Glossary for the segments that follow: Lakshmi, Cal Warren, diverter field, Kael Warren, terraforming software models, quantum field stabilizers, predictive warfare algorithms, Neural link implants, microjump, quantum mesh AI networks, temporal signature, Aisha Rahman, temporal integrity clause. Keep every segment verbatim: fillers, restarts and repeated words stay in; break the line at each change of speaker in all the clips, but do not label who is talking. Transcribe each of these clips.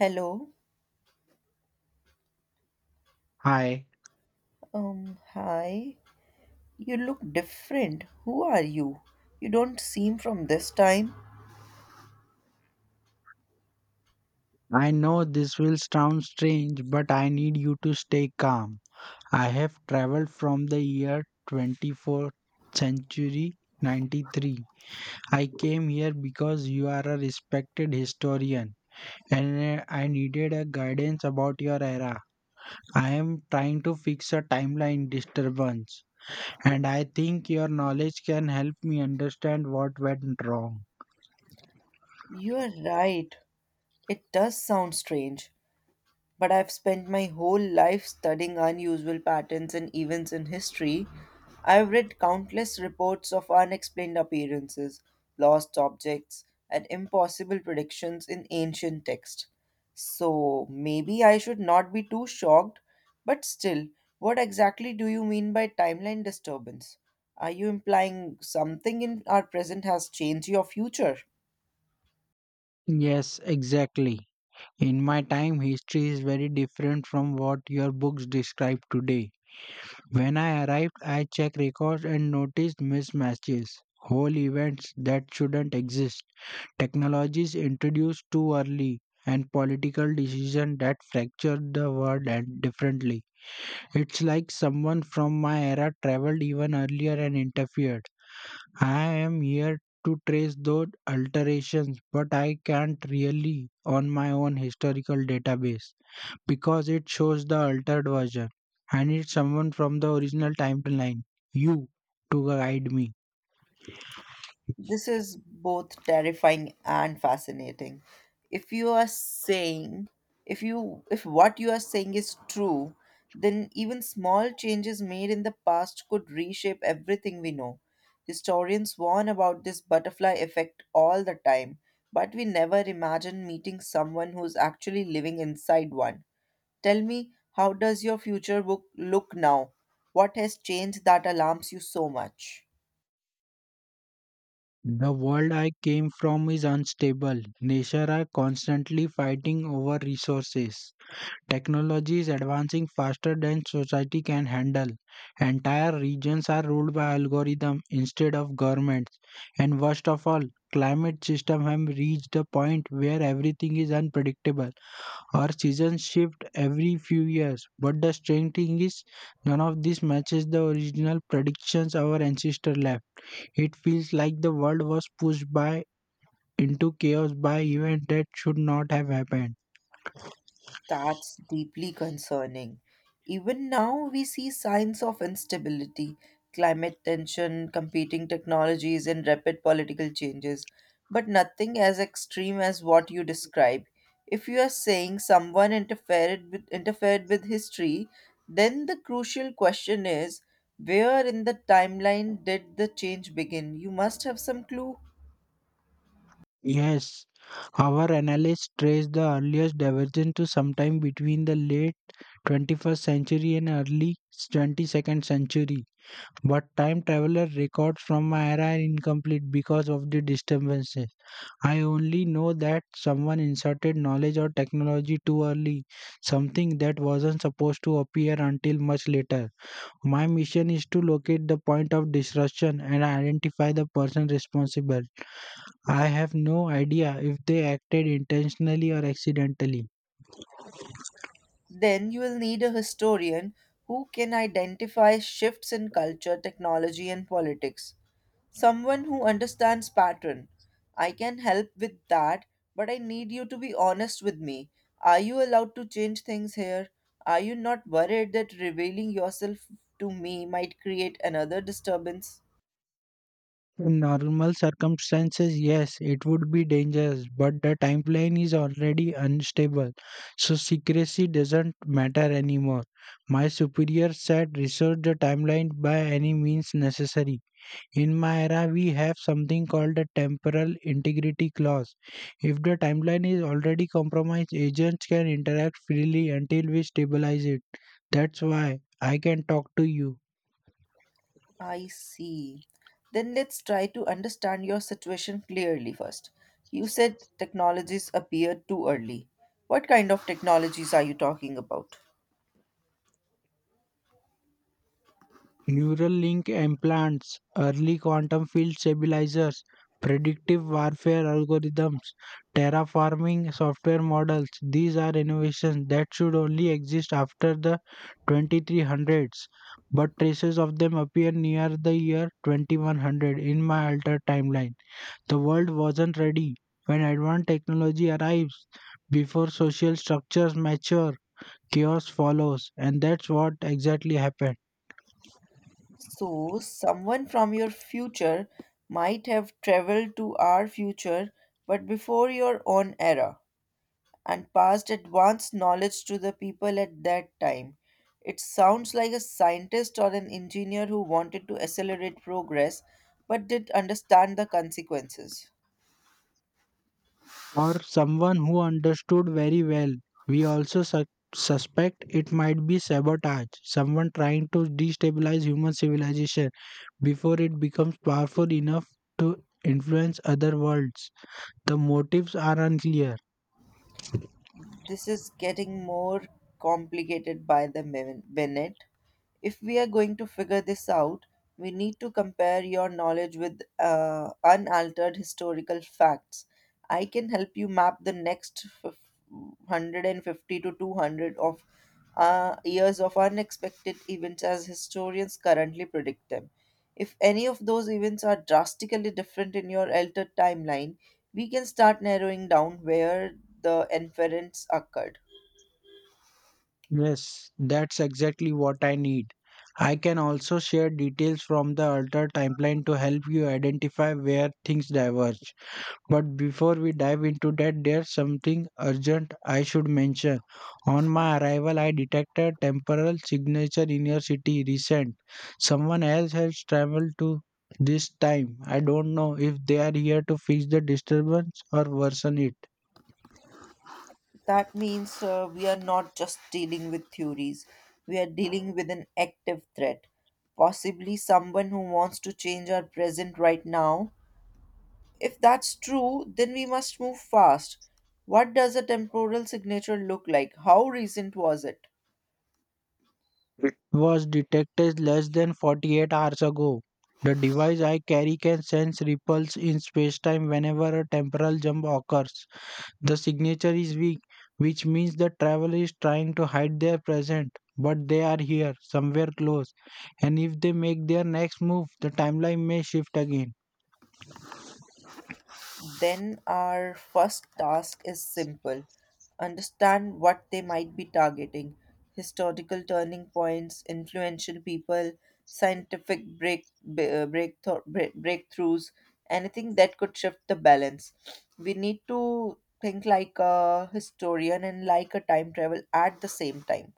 Hello.
Hi,
Um, hi. You look different. Who are you? You don't seem from this time.
I know this will sound strange, but I need you to stay calm. I have traveled from the year twenty-fourth century ninety-three. I came here because you are a respected historian and uh, I needed a guidance about your era. I am trying to fix a timeline disturbance and I think your knowledge can help me understand what went wrong.
You are right. It does sound strange, but I've spent my whole life studying unusual patterns and events in history. I've read countless reports of unexplained appearances, lost objects, and impossible predictions in ancient texts. So maybe I should not be too shocked, but still, what exactly do you mean by timeline disturbance? Are you implying something in our present has changed your future?
Yes, exactly. In my time, history is very different from what your books describe today. When I arrived, I checked records and noticed mismatches, whole events that shouldn't exist, technologies introduced too early, and political decisions that fractured the world and differently. It's like someone from my era traveled even earlier and interfered. I am here to trace those alterations, but I can't really on my own historical database because it shows the altered version. I need someone from the original timeline, you, to guide me.
This is both terrifying and fascinating. If you are saying, if you, if what you are saying is true, then even small changes made in the past could reshape everything we know. Historians warn about this butterfly effect all the time, but we never imagine meeting someone who's actually living inside one. Tell me, how does your future book look now? What has changed that alarms you so much?
The world I came from is unstable. Nature are constantly fighting over resources. Technology is advancing faster than society can handle. Entire regions are ruled by algorithms instead of governments. And worst of all, climate systems have reached the point where everything is unpredictable. Our seasons shift every few years. But the strange thing is, none of this matches the original predictions our ancestors left. It feels like the world was pushed by into chaos by events that should not have happened.
That's deeply concerning. Even now, we see signs of instability, climate tension, competing technologies, and rapid political changes, but nothing as extreme as what you describe. If you are saying someone interfered with, interfered with history, then the crucial question is where in the timeline did the change begin? You must have some clue.
Yes, our analysts trace the earliest divergence to sometime between the late twenty-first century and early twenty-second century. But time traveler records from my era are incomplete because of the disturbances. I only know that someone inserted knowledge or technology too early, something that wasn't supposed to appear until much later. My mission is to locate the point of disruption and identify the person responsible. I have no idea if they acted intentionally or accidentally.
Then you will need a historian who can identify shifts in culture, technology, and politics. Someone who understands pattern. I can help with that, but I need you to be honest with me. Are you allowed to change things here? Are you not worried that revealing yourself to me might create another disturbance?
In normal circumstances, yes, it would be dangerous, but the timeline is already unstable, so secrecy doesn't matter anymore. My superior said research the timeline by any means necessary. In my era, we have something called the temporal integrity clause. If the timeline is already compromised, agents can interact freely until we stabilize it. That's why I can talk to you.
I see. Then let's try to understand your situation clearly first. You said technologies appeared too early. What kind of technologies are you talking about?
Neural link implants, early quantum field stabilizers, predictive warfare algorithms, terraforming software models. These are innovations that should only exist after the twenty-three hundreds, but traces of them appear near the year twenty-one hundred in my altered timeline. The world wasn't ready. When advanced technology arrives, before social structures mature, chaos follows, and that's what exactly happened.
So, someone from your future might have traveled to our future, but before your own era, and passed advanced knowledge to the people at that time. It sounds like a scientist or an engineer who wanted to accelerate progress but did understand the consequences.
Or someone who understood very well. We also su- suspect it might be sabotage, someone trying to destabilize human civilization before it becomes powerful enough to influence other worlds. The motives are unclear.
This is getting more complicated by the min- minute. If we are going to figure this out, we need to compare your knowledge with uh, unaltered historical facts. I can help you map the next fif- one hundred fifty to two hundred of uh, years of unexpected events as historians currently predict them. If any of those events are drastically different in your altered timeline, we can start narrowing down where the inference occurred.
Yes, that's exactly what I need. I can also share details from the alter timeline to help you identify where things diverge. But before we dive into that, there's something urgent I should mention. On my arrival, I detected temporal signature in your city recent. Someone else has traveled to this time. I don't know if they are here to fix the disturbance or worsen it.
That means uh, we are not just dealing with theories, we are dealing with an active threat, possibly someone who wants to change our present right now. If that's true, then we must move fast. What does a temporal signature look like? How recent was it?
It was detected less than forty-eight hours ago. The device I carry can sense ripples in spacetime whenever a temporal jump occurs. The signature is weak, which means the traveler is trying to hide their present, but they are here, somewhere close. And if they make their next move, the timeline may shift again.
Then our first task is simple: understand what they might be targeting: historical turning points, influential people, scientific break, b- uh, breakthro- break, breakthroughs, anything that could shift the balance. We need to think like a historian and like a time travel at the same time.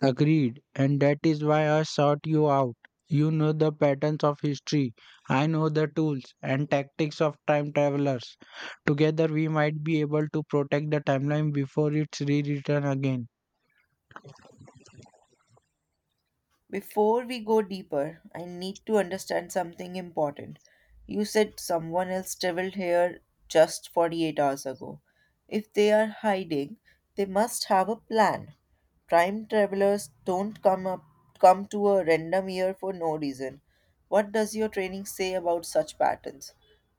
Agreed, and that is why I sought you out. You know the patterns of history. I know the tools and tactics of time travelers. Together, we might be able to protect the timeline before it's rewritten again.
Before we go deeper, I need to understand something important. You said someone else traveled here just forty-eight hours ago. If they are hiding, they must have a plan. Time travelers don't come up come to a random year for no reason. What does your training say about such patterns?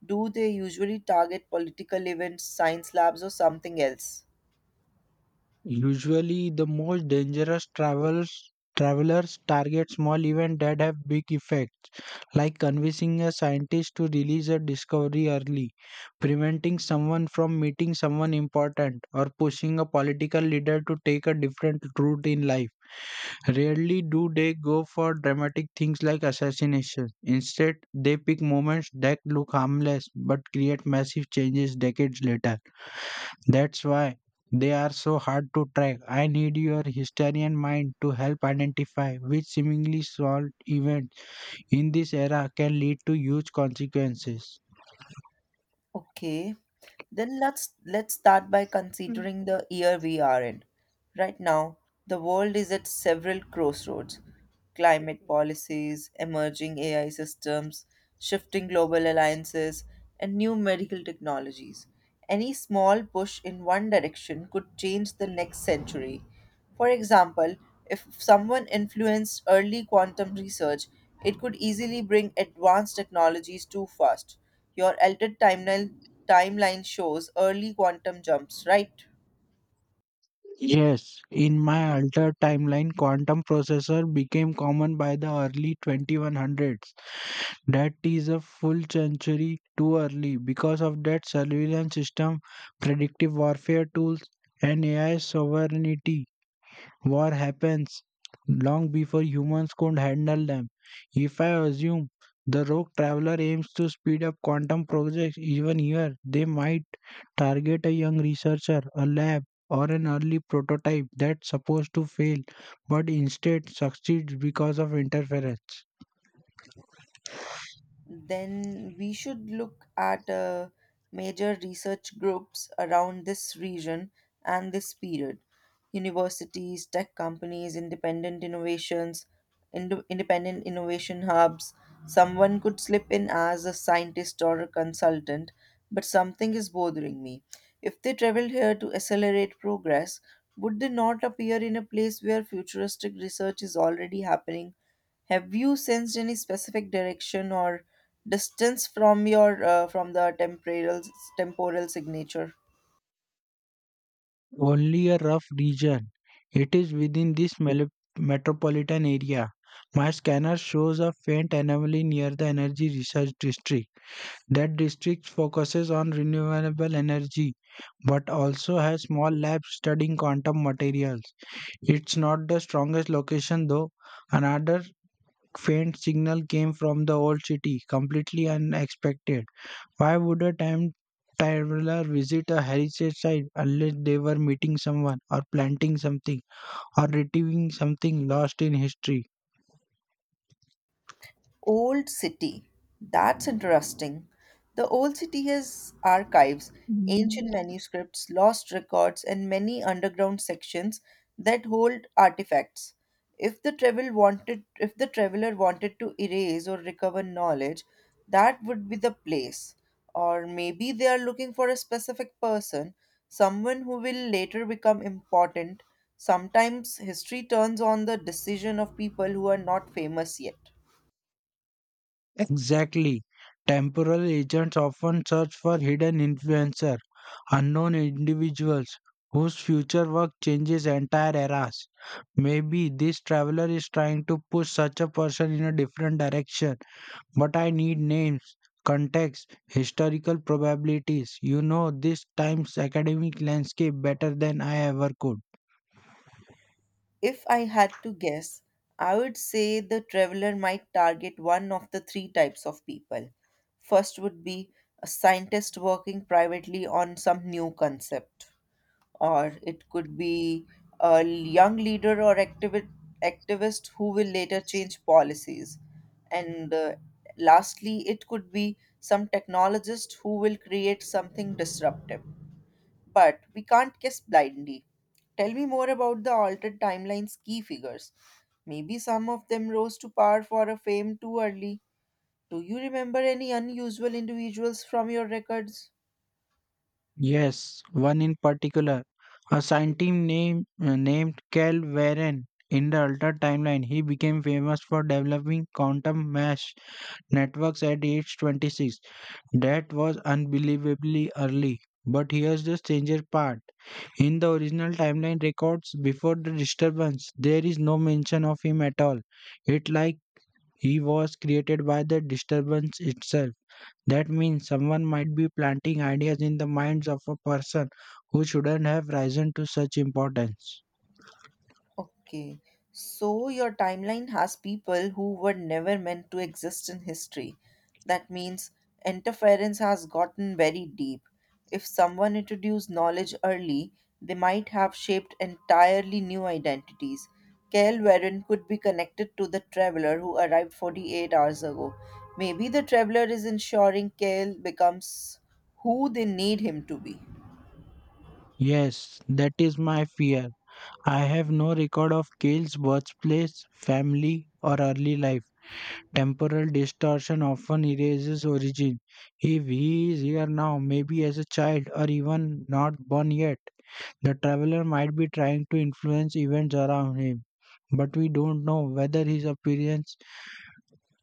Do they usually target political events, science labs, or something else?
Usually, the most dangerous travels travelers target small events that have big effects, like convincing a scientist to release a discovery early, preventing someone from meeting someone important, or pushing a political leader to take a different route in life. Rarely do they go for dramatic things like assassination. Instead, they pick moments that look harmless but create massive changes decades later. That's why they are so hard to track. I need your historian mind to help identify which seemingly small events in this era can lead to huge consequences.
Okay, then let's let's start by considering the year we are in. Right now, the world is at several crossroads. Climate policies, emerging A I systems, shifting global alliances, and new medical technologies. Any small push in one direction could change the next century. For example, if someone influenced early quantum research, it could easily bring advanced technologies too fast. Your altered timeline timeline shows early quantum jumps, right?
Yes, in my altered timeline, quantum processor became common by the early twenty-one hundreds. That is a full century too early because of that surveillance system, predictive warfare tools, and A I sovereignty. War happens long before humans could handle them. If I assume the rogue traveler aims to speed up quantum projects even here, they might target a young researcher, a lab, or an early prototype that's supposed to fail but instead succeeds because of interference.
Then we should look at uh, major research groups around this region and this period, universities, tech companies, independent innovations, ind- independent innovation hubs. Someone could slip in as a scientist or a consultant, but something is bothering me. If they traveled here to accelerate progress, would they not appear in a place where futuristic research is already happening? Have you sensed any specific direction or distance from your uh, from the temporal temporal signature?
Only a rough region. It is within this mele- metropolitan area. My scanner shows a faint anomaly near the energy research district. That district focuses on renewable energy but also has small labs studying quantum materials. It's not the strongest location though. Another faint signal came from the old city, completely unexpected. Why would a time traveler visit a heritage site unless they were meeting someone or planting something or retrieving something lost in history?
Old City. That's interesting. The Old City has archives,
Mm.
ancient manuscripts, lost records, and many underground sections that hold artifacts. If the travel wanted if the traveler wanted to erase or recover knowledge, that would be the place. Or maybe they are looking for a specific person, someone who will later become important. Sometimes history turns on the decision of people who are not famous yet.
Exactly. Temporal agents often search for hidden influencer unknown individuals whose future work changes entire eras. Maybe this traveler is trying to push such a person in a different direction, but I need names, context, historical probabilities. You know this time's academic landscape better than I ever could.
If I had to guess, I would say the traveler might target one of the three types of people. First would be a scientist working privately on some new concept, or it could be a young leader or activi- activist who will later change policies. And uh, lastly, it could be some technologist who will create something disruptive. But we can't guess blindly. Tell me more about the altered timeline's key figures. Maybe some of them rose to power for a fame too early. Do you remember any unusual individuals from your records?
Yes, one in particular. A scientist named, named Cal Warren in the Ultra timeline, he became famous for developing quantum mesh networks at age twenty-six. That was unbelievably early. But here's the stranger part. In the original timeline records before the disturbance, there is no mention of him at all. It's like he was created by the disturbance itself. That means someone might be planting ideas in the minds of a person who shouldn't have risen to such importance.
Okay. So your timeline has people who were never meant to exist in history. That means interference has gotten very deep. If someone introduced knowledge early, they might have shaped entirely new identities. Kael Warren could be connected to the traveler who arrived forty-eight hours ago. Maybe the traveler is ensuring Kael becomes who they need him to be.
Yes, that is my fear. I have no record of Kale's birthplace, family, or early life. Temporal distortion often erases origin. If he is here now, maybe as a child or even not born yet, the traveler might be trying to influence events around him. But we don't know whether his appearance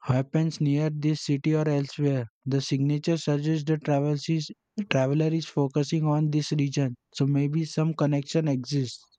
happens near this city or elsewhere. The signature suggests the travels is- traveler is focusing on this region, so maybe some connection exists.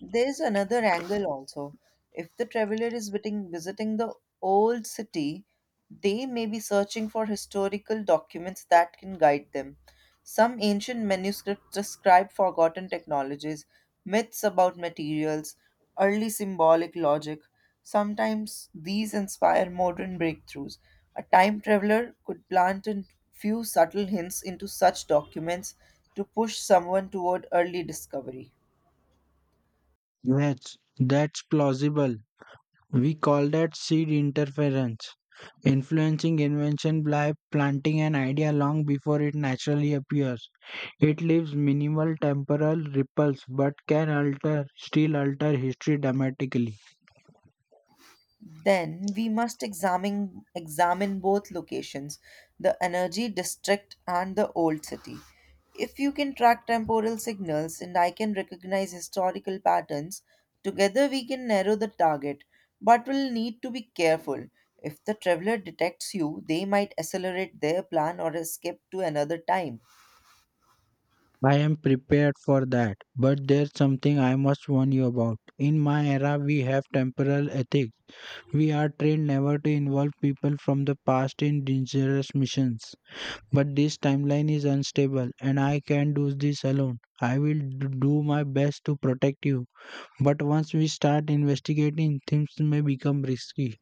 There's another angle also. If the traveler is visiting, visiting the old city, they may be searching for historical documents that can guide them. Some ancient manuscripts describe forgotten technologies, myths about materials, early symbolic logic. Sometimes these inspire modern breakthroughs. A time traveler could plant a few subtle hints into such documents to push someone toward early discovery.
Yes, that's plausible. We call that seed interference. Influencing invention by planting an idea long before it naturally appears. It leaves minimal temporal ripples but can alter, still alter history dramatically.
Then we must examine examine both locations, the energy district and the old city. If you can track temporal signals and I can recognize historical patterns, together we can narrow the target, but we'll need to be careful. If the traveler detects you, they might accelerate their plan or escape to another time.
I am prepared for that, but there's something I must warn you about. In my era, we have temporal ethics. We are trained never to involve people from the past in dangerous missions. But this timeline is unstable, and I can't do this alone. I will d- do my best to protect you. But once we start investigating, things may become risky.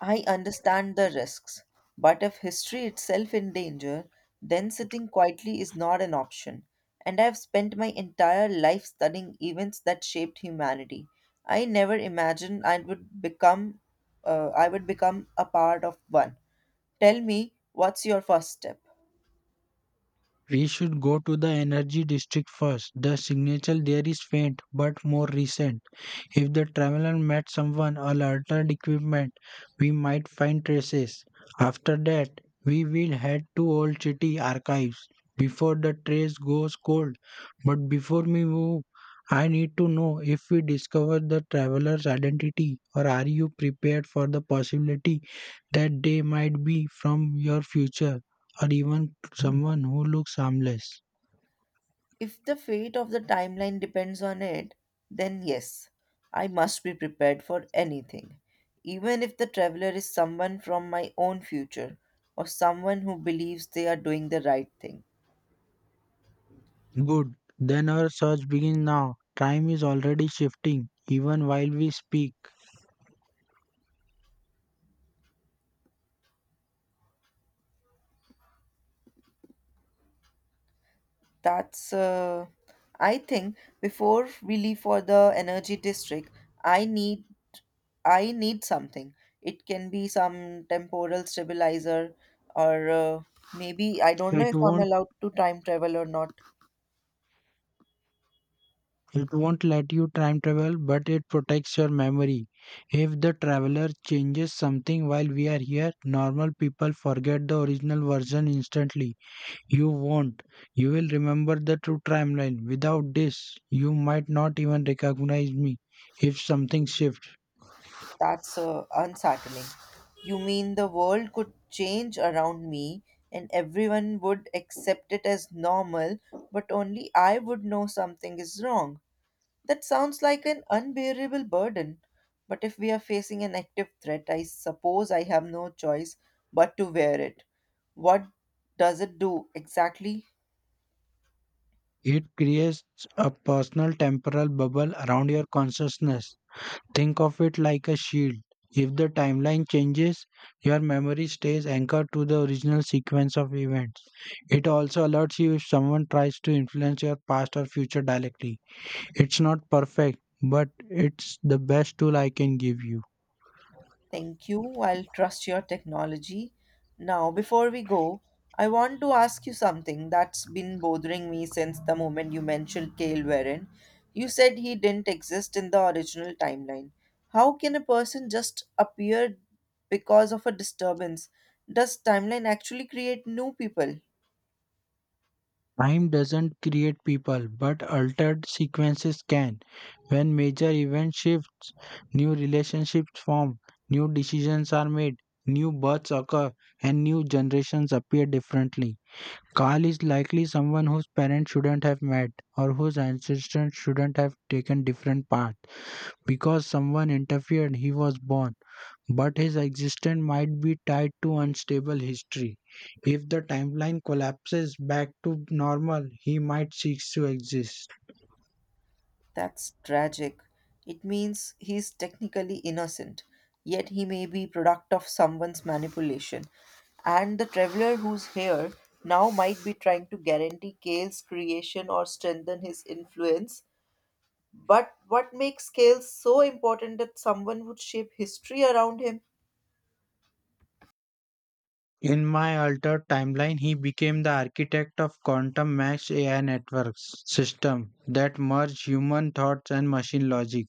I understand the risks, but if history itself in danger, then sitting quietly is not an option. And I have spent my entire life studying events that shaped humanity. I never imagined I would become uh, I would become a part of one. Tell me, what's your first step?
We should go to the energy district first. The signature there is faint but more recent. If the traveler met someone or altered equipment, we might find traces. After that, we will head to Old City archives before the trace goes cold. But before we move, I need to know if we discover the traveler's identity or are you prepared for the possibility that they might be from your future or even someone who looks harmless.
If the fate of the timeline depends on it, then yes, I must be prepared for anything. Even if the traveler is someone from my own future or someone who believes they are doing the right thing.
Good. Then our search begins now. Time is already shifting even while we speak.
That's, uh, I think, Before we leave for the energy district, I need I need something. It can be some temporal stabilizer, or uh, maybe I don't know
It
if I'm
won't
allowed to time travel or not.
it won't let you time travel, but it protects your memory. If the traveler changes something while we are here, normal people forget the original version instantly. You won't. You will remember the true timeline. Without this, you might not even recognize me if something shifts.
That's uh, unsettling. You mean the world could change around me and everyone would accept it as normal, but only I would know something is wrong. That sounds like an unbearable burden. But if we are facing an active threat, I suppose I have no choice but to wear it. What does it do exactly?
It creates a personal temporal bubble around your consciousness. Think of it like a shield. If the timeline changes, your memory stays anchored to the original sequence of events. It also alerts you if someone tries to influence your past or future directly. It's not perfect, but it's the best tool I can give you.
Thank you. I'll trust your technology. Now, before we go, I want to ask you something that's been bothering me since the moment you mentioned Kale Warren. You said he didn't exist in the original timeline. How can a person just appear because of a disturbance? Does timeline actually create new people?
Time doesn't create people, but altered sequences can. When major events shift, new relationships form, new decisions are made, new births occur, and new generations appear differently. Carl is likely someone whose parents shouldn't have met or whose ancestors shouldn't have taken different paths. Because someone interfered, he was born but his existence might be tied to unstable history. If the timeline collapses back to normal, he might cease to exist.
That's tragic. It means he's technically innocent, yet he may be product of someone's manipulation. And the traveler who's here now might be trying to guarantee Kale's creation or strengthen his influence. But what makes Kale so important that someone would shape history around him?
In my altered timeline, he became the architect of quantum mesh A I networks system that merge human thoughts and machine logic.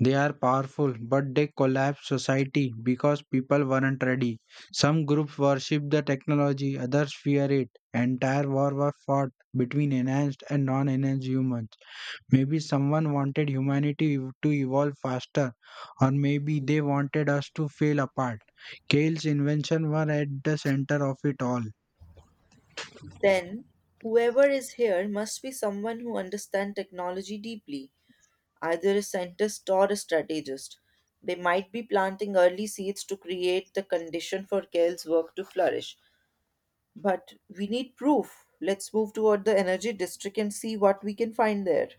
They are powerful, but they collapse society because people weren't ready. Some groups worship the technology, others fear it. Entire war were fought between enhanced and non-enhanced humans. Maybe someone wanted humanity ev- to evolve faster, or maybe they wanted us to fail apart. Kale's invention were at the center of it all.
Then, whoever is here must be someone who understands technology deeply. Either a scientist or a strategist. They might be planting early seeds to create the condition for Kale's work to flourish. But we need proof. Let's move toward the energy district and see what we can find there.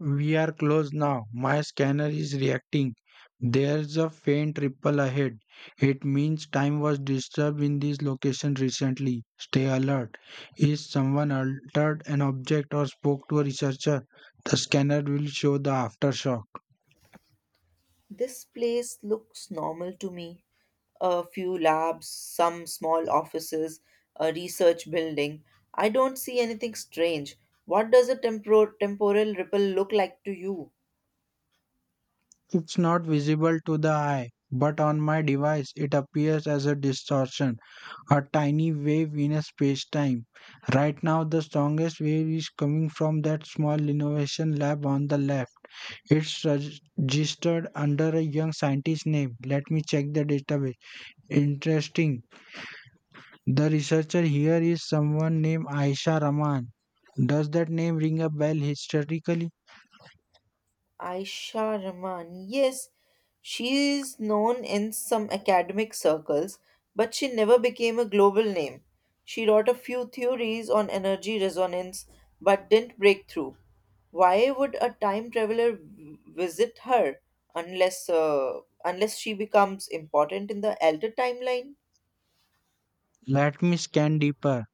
We are close now. My scanner is reacting. There's a faint ripple ahead. It means time was disturbed in this location recently. Stay alert. If someone altered an object or spoke to a researcher, the scanner will show the aftershock.
This place looks normal to me. A few labs, some small offices, a research building. I don't see anything strange. What does a tempor- temporal ripple look like to you?
It's not visible to the eye, but on my device it appears as a distortion, a tiny wave in a space-time. Right now the strongest wave is coming from that small innovation lab on the left. It's reg- registered under a young scientist's name. Let me check the database. Interesting. The researcher here is someone named Aisha Rahman. Does that name ring a bell historically?
Aisha Rahman. Yes, she is known in some academic circles, but she never became a global name. She wrote a few theories on energy resonance but didn't break through. Why would a time traveler v- visit her unless uh, unless she becomes important in the elder timeline?
Let me scan deeper.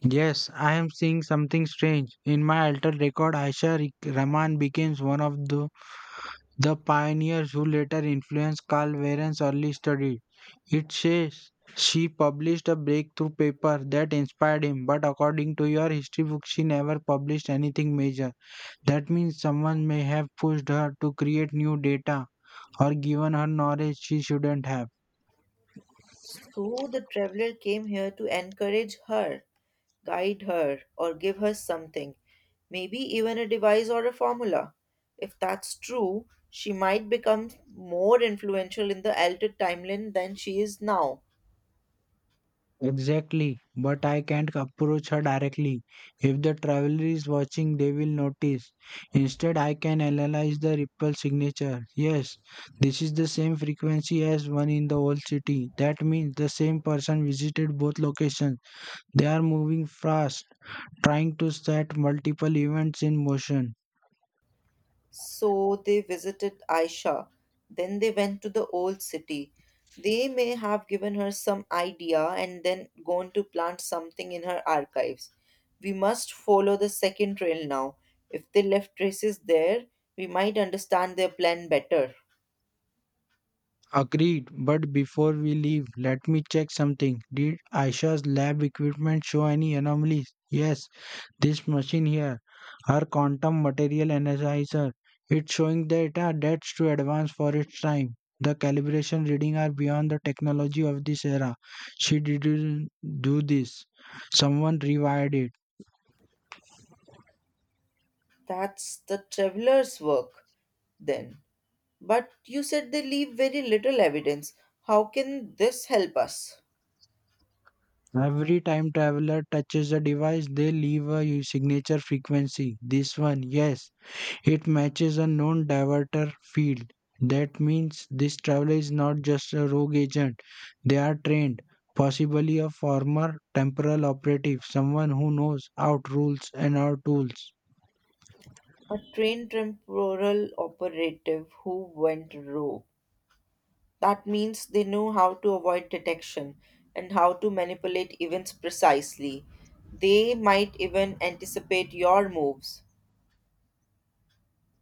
Yes, I am seeing something strange. In my altered record, Aisha Rik- Rahman becomes one of the, the pioneers who later influenced Carl Warren's early study. It says she published a breakthrough paper that inspired him, but according to your history book, she never published anything major. That means someone may have pushed her to create new data or given her knowledge she shouldn't have.
So the traveler came here to encourage her, guide her, or give her something, maybe even a device or a formula. If that's true, she might become more influential in the altered timeline than she is now.
Exactly, but I can't approach her directly. If the traveler is watching, they will notice. Instead, I can analyze the ripple signature. Yes, this is the same frequency as one in the old city. That means the same person visited both locations. They are moving fast, trying to set multiple events in motion.
So they visited Aisha. Then they went to the old city. They may have given her some idea and then gone to plant something in her archives. We must follow the second trail now. If they left traces there, we might understand their plan better.
Agreed, but before we leave, let me check something. Did Aisha's lab equipment show any anomalies? Yes, this machine here. Her quantum material analyzer. It's showing data that's too advanced for its time. The calibration reading are beyond the technology of this era. She didn't do this. Someone rewired it.
That's the traveler's work then. But you said they leave very little evidence. How can this help us?
Every time traveler touches a device, they leave a u- signature frequency. This one, yes, it matches a known diverter field. That means this traveler is not just a rogue agent. They are trained, possibly a former temporal operative, someone who knows out rules and our tools.
A trained temporal operative who went rogue. That means they know how to avoid detection and how to manipulate events precisely. They might even anticipate your moves.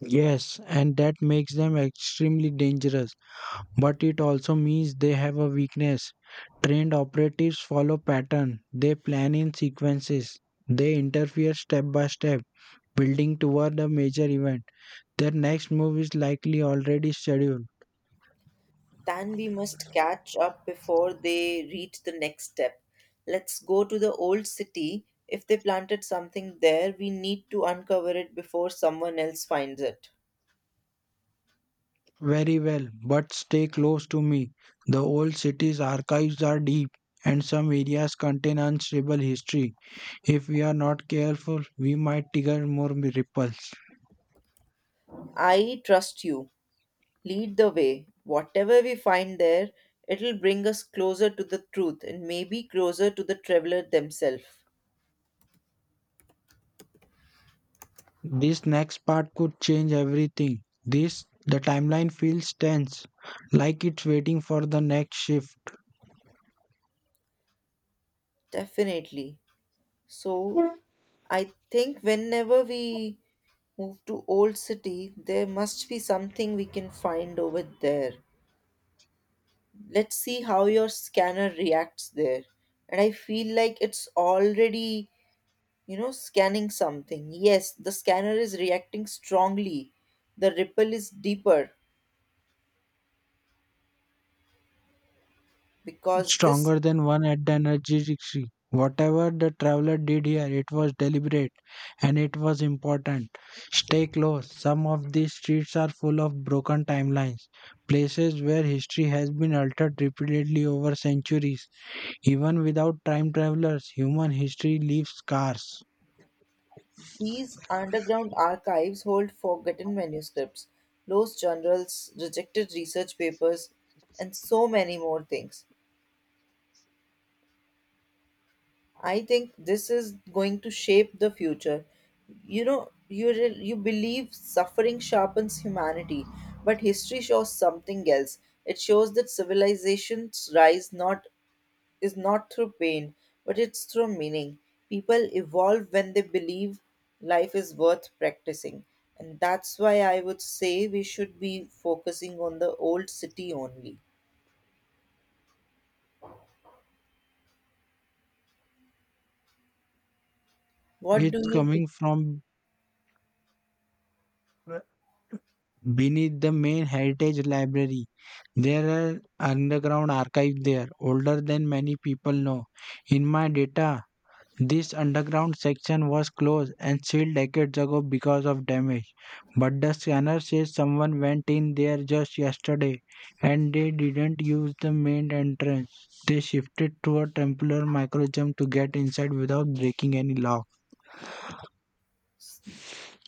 Yes, and that makes them extremely dangerous. But it also means they have a weakness. Trained operatives follow pattern. They plan in sequences. They interfere step by step, building toward a major event. Their next move is likely already scheduled.
Then we must catch up before they reach the next step. Let's go to the old city. If they planted something there, we need to uncover it before someone else finds it.
Very well, but stay close to me. The old city's archives are deep, and some areas contain unstable history. If we are not careful, we might trigger more ripples.
I trust you. Lead the way. Whatever we find there, it'll bring us closer to the truth and maybe closer to the traveler themselves.
This next part could change everything. This the timeline feels tense, like it's waiting for the next shift.
Definitely. So, I think whenever we move to old city, there must be something we can find over there. Let's see how your scanner reacts there, and I feel like it's already, you know, scanning something. Yes, the scanner is reacting strongly. The ripple is deeper because this,
Stronger than one at the energy tree. Whatever the traveler did here, it was deliberate and it was important. Stay close. Some of these streets are full of broken timelines, places where history has been altered repeatedly over centuries. Even without time travelers, human history leaves scars.
these underground archives hold forgotten manuscripts, lost journals, rejected research papers, and so many more things. I think this is going to shape the future. You know, you re- you believe suffering sharpens humanity, but history shows something else. It shows that civilizations rise not is not through pain, but it's through meaning. People evolve when they believe life is worth practicing, and that's why I would say we should be focusing on the old city only. What do
It's
you think?
coming from beneath the main heritage library. There are underground archives there, older than many people know. In my data, this underground section was closed and sealed decades ago because of damage. But the scanner says someone went in there just yesterday and they didn't use the main entrance. They shifted to a temporary microjump to get inside without breaking any lock.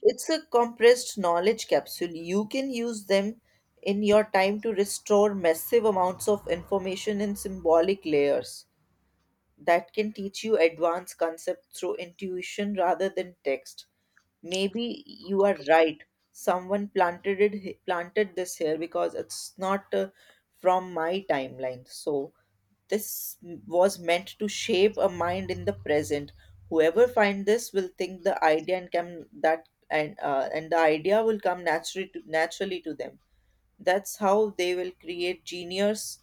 It's a compressed knowledge capsule. You can use them in your time to restore massive amounts of information in symbolic layers that can teach you advanced concepts through intuition rather than text. Maybe you are right. Someone planted it, planted this here because it's not uh, from my timeline. So this was meant to shape a mind in the present. Whoever find this will think the idea and come that and uh, and the idea will come naturally to, naturally to them. That's how they will create genius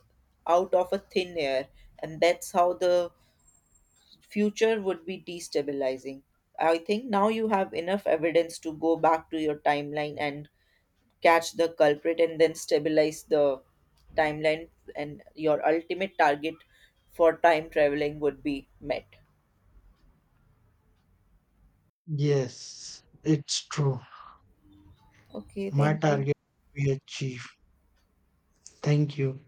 out of a thin air, and that's how the future would be destabilizing. I think now you have enough evidence to go back to your timeline and catch the culprit and then stabilize the timeline, and your ultimate target for time traveling would be met.
Yes, it's true.
Okay,
My
thank you.
target will be achieved. Thank you.